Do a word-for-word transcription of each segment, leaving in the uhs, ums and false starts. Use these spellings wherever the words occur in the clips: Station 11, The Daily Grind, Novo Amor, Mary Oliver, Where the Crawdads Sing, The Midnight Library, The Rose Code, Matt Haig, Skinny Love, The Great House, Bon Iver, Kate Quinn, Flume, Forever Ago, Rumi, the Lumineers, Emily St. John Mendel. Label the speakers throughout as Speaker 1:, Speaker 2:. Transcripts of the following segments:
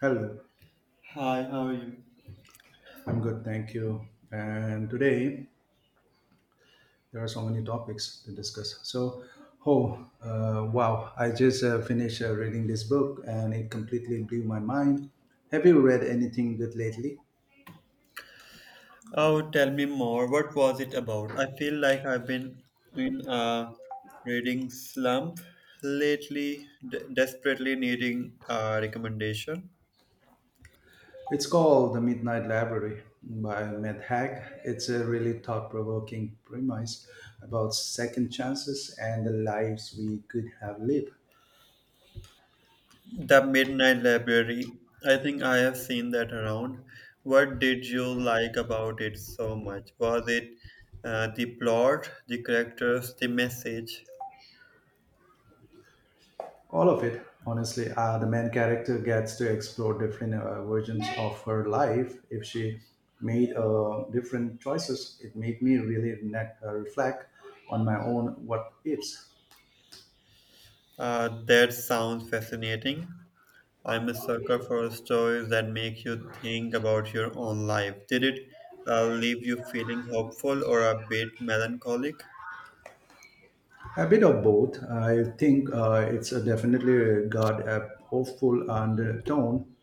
Speaker 1: Hello,
Speaker 2: Hi, how are you?
Speaker 1: I'm good, thank you. And today there are so many topics to discuss. So, oh, uh, wow, I just uh, finished uh, reading this book, and it completely blew my mind. Have you read anything good lately?
Speaker 2: Oh, tell me more. What was it about? I feel like I've been in a reading slump lately, de- desperately needing a recommendation.
Speaker 1: It's called The Midnight Library by Matt Haig. It's a really thought provoking premise about second chances and the lives we could have lived.
Speaker 2: The Midnight Library. I think I have seen that around. What did you like about it so much? Was it uh, the plot, the characters, the message?
Speaker 1: All of it, honestly. Uh, the main character gets to explore different uh, versions of her life. If she made uh, different choices, it made me really ne- uh, reflect on my own what ifs.
Speaker 2: Uh, that sounds fascinating. I'm a sucker for stories that make you think about your own life. Did it uh, leave you feeling hopeful or a bit melancholic?
Speaker 1: A bit of both. I think uh, it's a definitely got a hopeful undertone,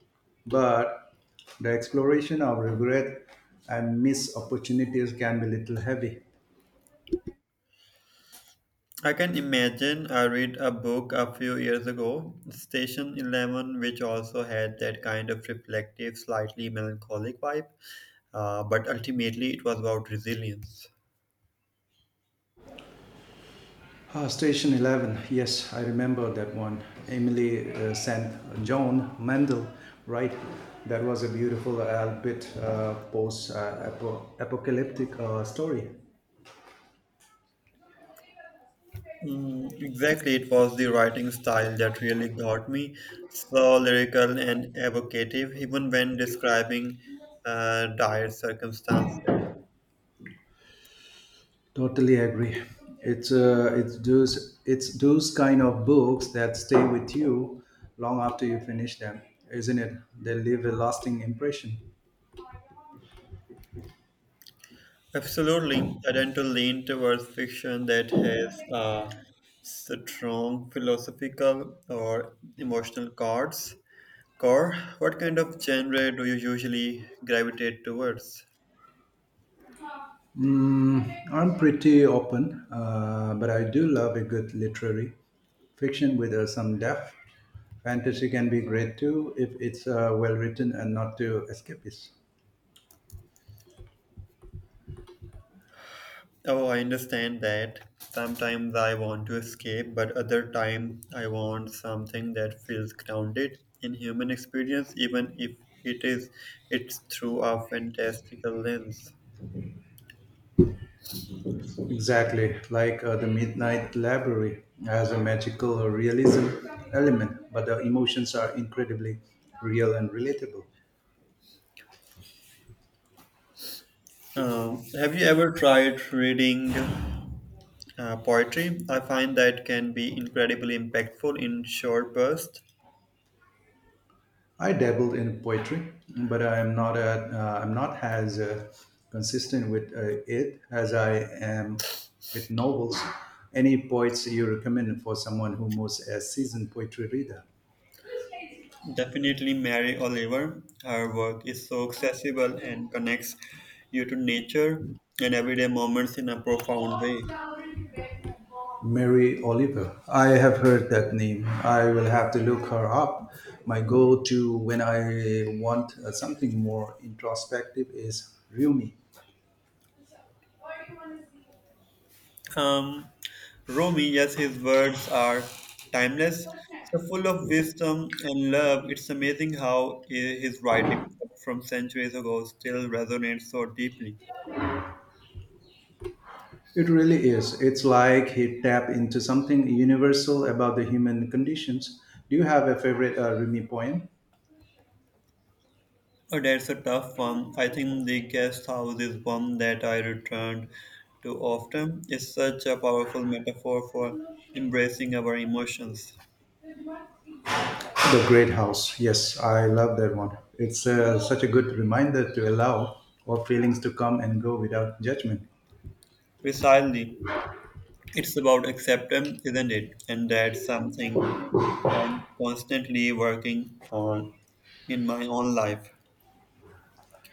Speaker 1: but the exploration of regret and missed opportunities can be a little heavy.
Speaker 2: I can imagine I read a book a few years ago, Station eleven, which also had that kind of reflective, slightly melancholic vibe, uh, but ultimately it was about resilience.
Speaker 1: Uh, Station eleven, yes, I remember that one. Emily uh, Saint John Mendel, right? That was a beautiful, albeit uh, post uh, apocalyptic uh, story.
Speaker 2: Mm, exactly, it was the writing style that really got me. So lyrical and evocative, even when describing uh, dire circumstances.
Speaker 1: Totally agree. It's, uh, it's, those, it's those kind of books that stay with you long after you finish them, isn't it? They leave a lasting impression.
Speaker 2: Absolutely, I tend to lean towards fiction that has uh, strong philosophical or emotional cards. Core, what kind of genre do you usually gravitate towards?
Speaker 1: Mm, I'm pretty open, uh, but I do love a good literary fiction with uh, some depth. Fantasy can be great too if it's uh, well written and not too escapist.
Speaker 2: Oh, I understand that. Sometimes I want to escape, but other time I want something that feels grounded in human experience, even if it is it's through a fantastical lens.
Speaker 1: Exactly, like uh, The Midnight Library has a magical realism element, but the emotions are incredibly real and relatable.
Speaker 2: Um, have you ever tried reading uh, poetry? I find that can be incredibly impactful in short bursts.
Speaker 1: I dabbled in poetry, but I am not a, uh, I'm not as uh, consistent with uh, it as I am with novels. Any poets you recommend for someone who was a seasoned poetry reader?
Speaker 2: Definitely Mary Oliver. Her work is so accessible and connects you to nature and everyday moments in a profound way.
Speaker 1: Mary Oliver. I have heard that name. I will have to look her up. My go-to when I want uh, something more introspective is Rumi.
Speaker 2: Um, Rumi, yes, his words are timeless, so full of wisdom and love. It's amazing how i- his writing from centuries ago still resonates so deeply.
Speaker 1: It really is. It's like he tapped into something universal about the human conditions. Do you have a favorite uh, Rumi poem?
Speaker 2: Oh, that's a tough one. I think the guest house is one that I returned to often. It's such a powerful metaphor for embracing our emotions.
Speaker 1: The Great House. Yes, I love that one. It's uh, such a good reminder to allow our feelings to come and go without judgment.
Speaker 2: Precisely, it's about acceptance, isn't it? And that's something I'm constantly working on in my own life.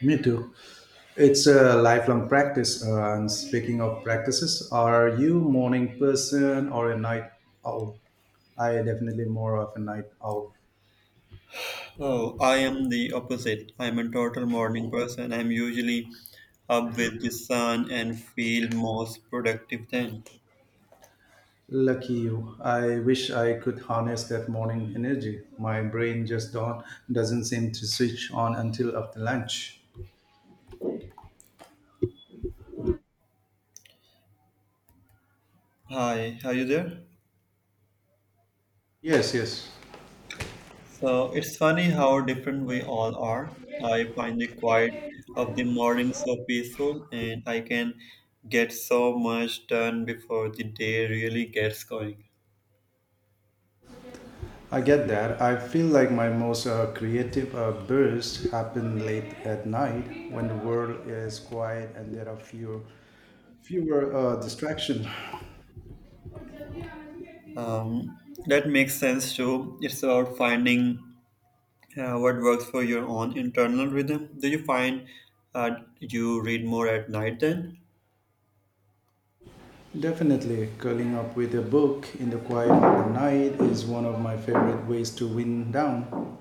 Speaker 1: Me too. It's a lifelong practice. Uh, and speaking of practices, are you morning person or a night owl? I definitely more of a night owl.
Speaker 2: Oh, I am the opposite. I'm a total morning person. I'm usually up with the sun and feel most productive then.
Speaker 1: Lucky you. I wish I could harness that morning energy. My brain just don't, doesn't seem to switch on until after lunch.
Speaker 2: Hi, are you there?
Speaker 1: Yes, yes.
Speaker 2: So it's funny how different we all are. I find the quiet of the morning so peaceful, and I can get so much done before the day really gets going.
Speaker 1: I get that. I feel like my most uh, creative uh, bursts happen late at night when the world is quiet and there are fewer, fewer uh, distractions.
Speaker 2: Um, that makes sense too. It's about finding uh, what works for your own internal rhythm. Do you find uh, you read more at night then?
Speaker 1: Definitely, curling up with a book in the quiet of the night is one of my favorite ways to wind down.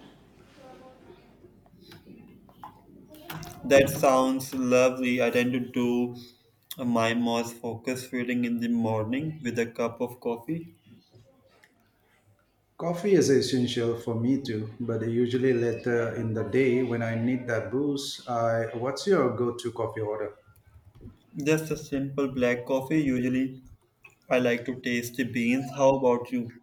Speaker 2: That sounds lovely. I tend to do my most focused reading in the morning with a cup of coffee.
Speaker 1: Coffee is essential for me too, but usually later in the day when I need that boost. I what's your go-to coffee order?
Speaker 2: Just a simple black coffee. Usually, I like to taste the beans. How about you?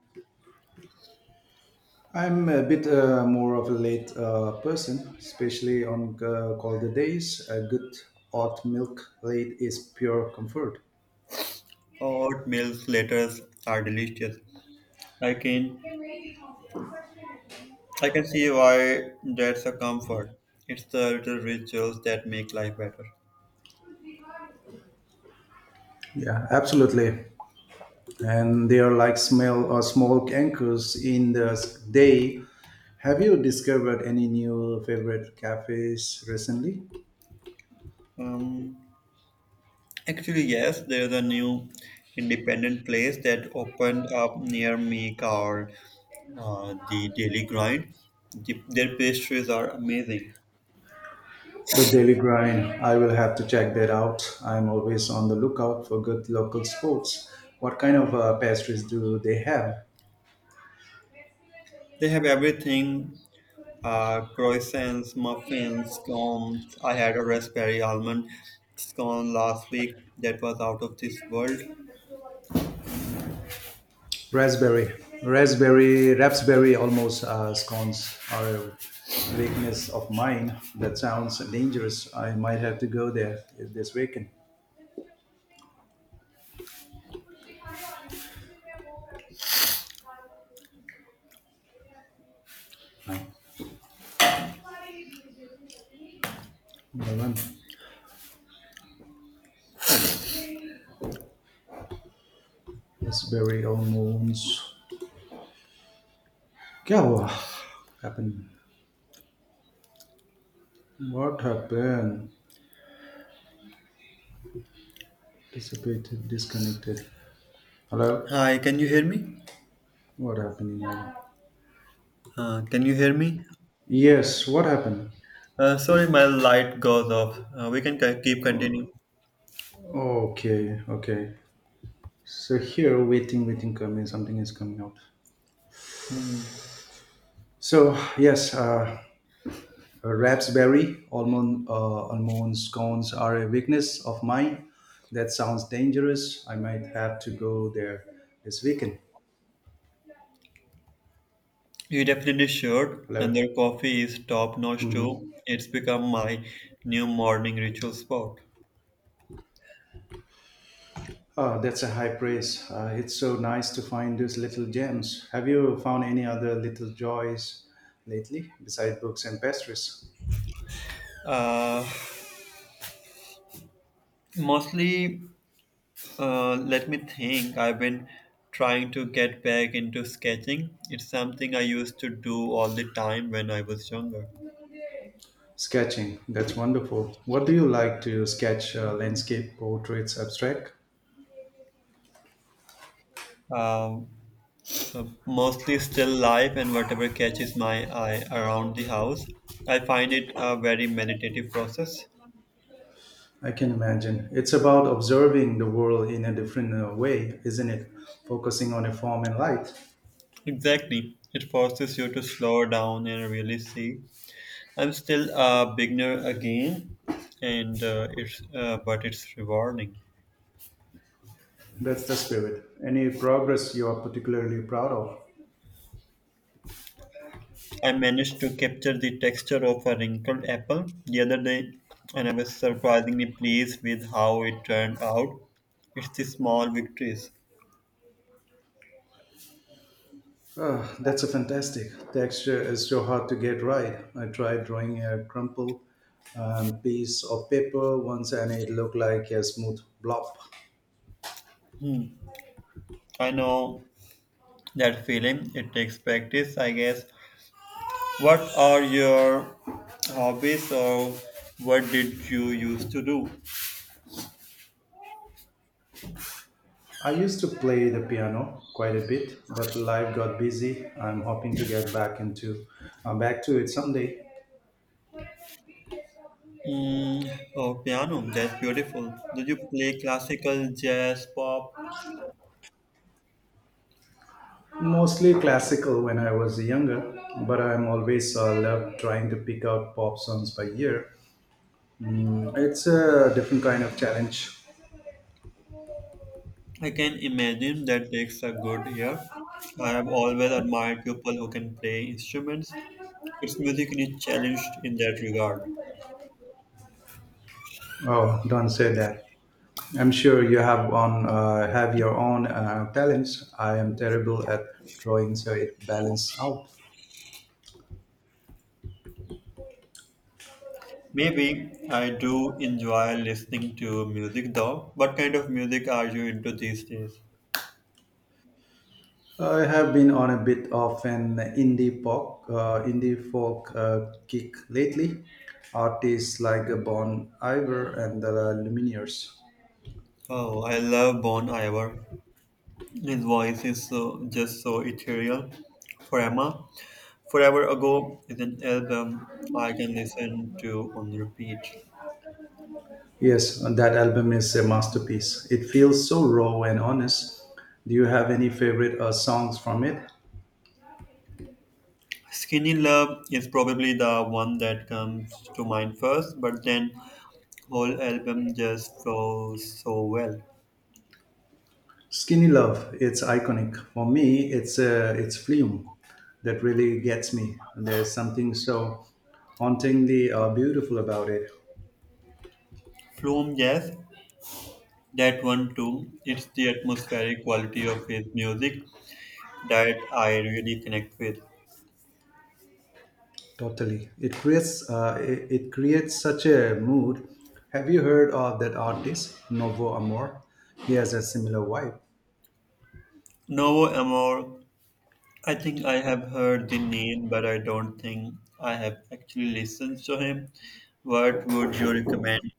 Speaker 1: I'm a bit uh, more of a late uh, person, especially on uh, colder days. A good hot milk late is pure comfort.
Speaker 2: Hot milk letters are delicious. I can I can see why that's a comfort. It's the little rituals that make life better.
Speaker 1: Yeah, absolutely. And they are like smell or small anchors in the day. Have you discovered any new favorite cafes recently?
Speaker 2: Um, actually, yes, there's a new independent place that opened up near me called uh, the Daily Grind. The, their pastries are amazing.
Speaker 1: The Daily Grind, I will have to check that out. I'm always on the lookout for good local sports. What kind of uh, pastries do they have?
Speaker 2: They have everything uh, croissants, muffins, scones. I had a raspberry almond scone last week that was out of this world.
Speaker 1: Raspberry, raspberry, raspberry almost uh, scones are a weakness of mine. That sounds dangerous. I might have to go there if this weekend. I, what I want. Raspberry almonds. क्या हुआ? Happened. What happened? Dissipated, disconnected. Hello?
Speaker 2: Hi, can you hear me?
Speaker 1: What happened?
Speaker 2: Uh, can you hear me?
Speaker 1: Yes, what happened?
Speaker 2: Uh, sorry, my light goes off. Uh, we can c- keep continuing.
Speaker 1: Okay, okay. So here, waiting, waiting, coming, something is coming out. So yes, uh, raspberry, almond, uh, almond scones are a weakness of mine. That sounds dangerous. I might have to go there this weekend.
Speaker 2: You definitely should,
Speaker 1: Hello.
Speaker 2: and their coffee is top notch too.
Speaker 1: Mm-hmm.
Speaker 2: It's become my new morning ritual spot.
Speaker 1: Oh, that's a high praise. Uh, it's so nice to find these little gems. Have you found any other little joys lately besides books and pastries?
Speaker 2: Uh, mostly Uh, let me think. I've been trying to get back into sketching. It's something I used to do all the time when I was younger.
Speaker 1: Sketching, that's wonderful. What do you like to sketch? Uh, landscape, portraits, abstract?
Speaker 2: Uh, uh, Mostly still life and whatever catches my eye around the house. I find it a very meditative process.
Speaker 1: I can imagine. It's about observing the world in a different uh, way, isn't it? Focusing on a form and light.
Speaker 2: Exactly. It forces you to slow down and really see. I'm still a beginner again, and uh, it's uh, but it's rewarding.
Speaker 1: That's the spirit. Any progress you are particularly proud of?
Speaker 2: I managed to capture the texture of a wrinkled apple the other day, and I was surprisingly pleased with how it turned out. It's the small victories.
Speaker 1: Ah, that's a fantastic. Texture is so hard to get right. I tried drawing a crumpled um, piece of paper once and it looked like a smooth blob.
Speaker 2: I know that feeling, it takes practice, I guess. What are your hobbies or what did you used to do?
Speaker 1: I used to play the piano quite a bit, but life got busy. I'm hoping to get back into uh, back to it someday.
Speaker 2: Mm, oh, piano, that's beautiful. Did you play classical, jazz, pop?
Speaker 1: Mostly classical when I was younger, but I'm always uh, loved trying to pick up pop songs by ear. Mm, it's a different kind of challenge.
Speaker 2: I can imagine that takes a good year. I have always admired people who can play instruments. It's musically challenged in that regard.
Speaker 1: Oh, don't say that. I'm sure you have on uh, have your own uh, talents. I am terrible at drawing, so it balances out.
Speaker 2: Maybe I do enjoy listening to music though. What kind of music are you into these days?
Speaker 1: I have been on a bit of an indie pop, uh, indie folk uh, kick lately. Artists like Bon Iver and the Lumineers.
Speaker 2: Oh, I love Bon Iver. His voice is so just so ethereal. Forever, Forever Ago is an album I can listen to on repeat.
Speaker 1: Yes, that album is a masterpiece. It feels so raw and honest. Do you have any favorite uh, songs from it?
Speaker 2: Skinny Love is probably the one that comes to mind first, but then whole album just flows so well.
Speaker 1: Skinny Love, it's iconic. For me, it's uh, it's Flume that really gets me. There's something so hauntingly uh, beautiful about it.
Speaker 2: Flume, yes, that one too. It's the atmospheric quality of his music that I really connect with.
Speaker 1: Totally, it creates uh, it, it creates such a mood. Have you heard of that artist Novo Amor? He has a similar vibe.
Speaker 2: Novo Amor, I think I have heard the name, but I don't think I have actually listened to him. What would you recommend?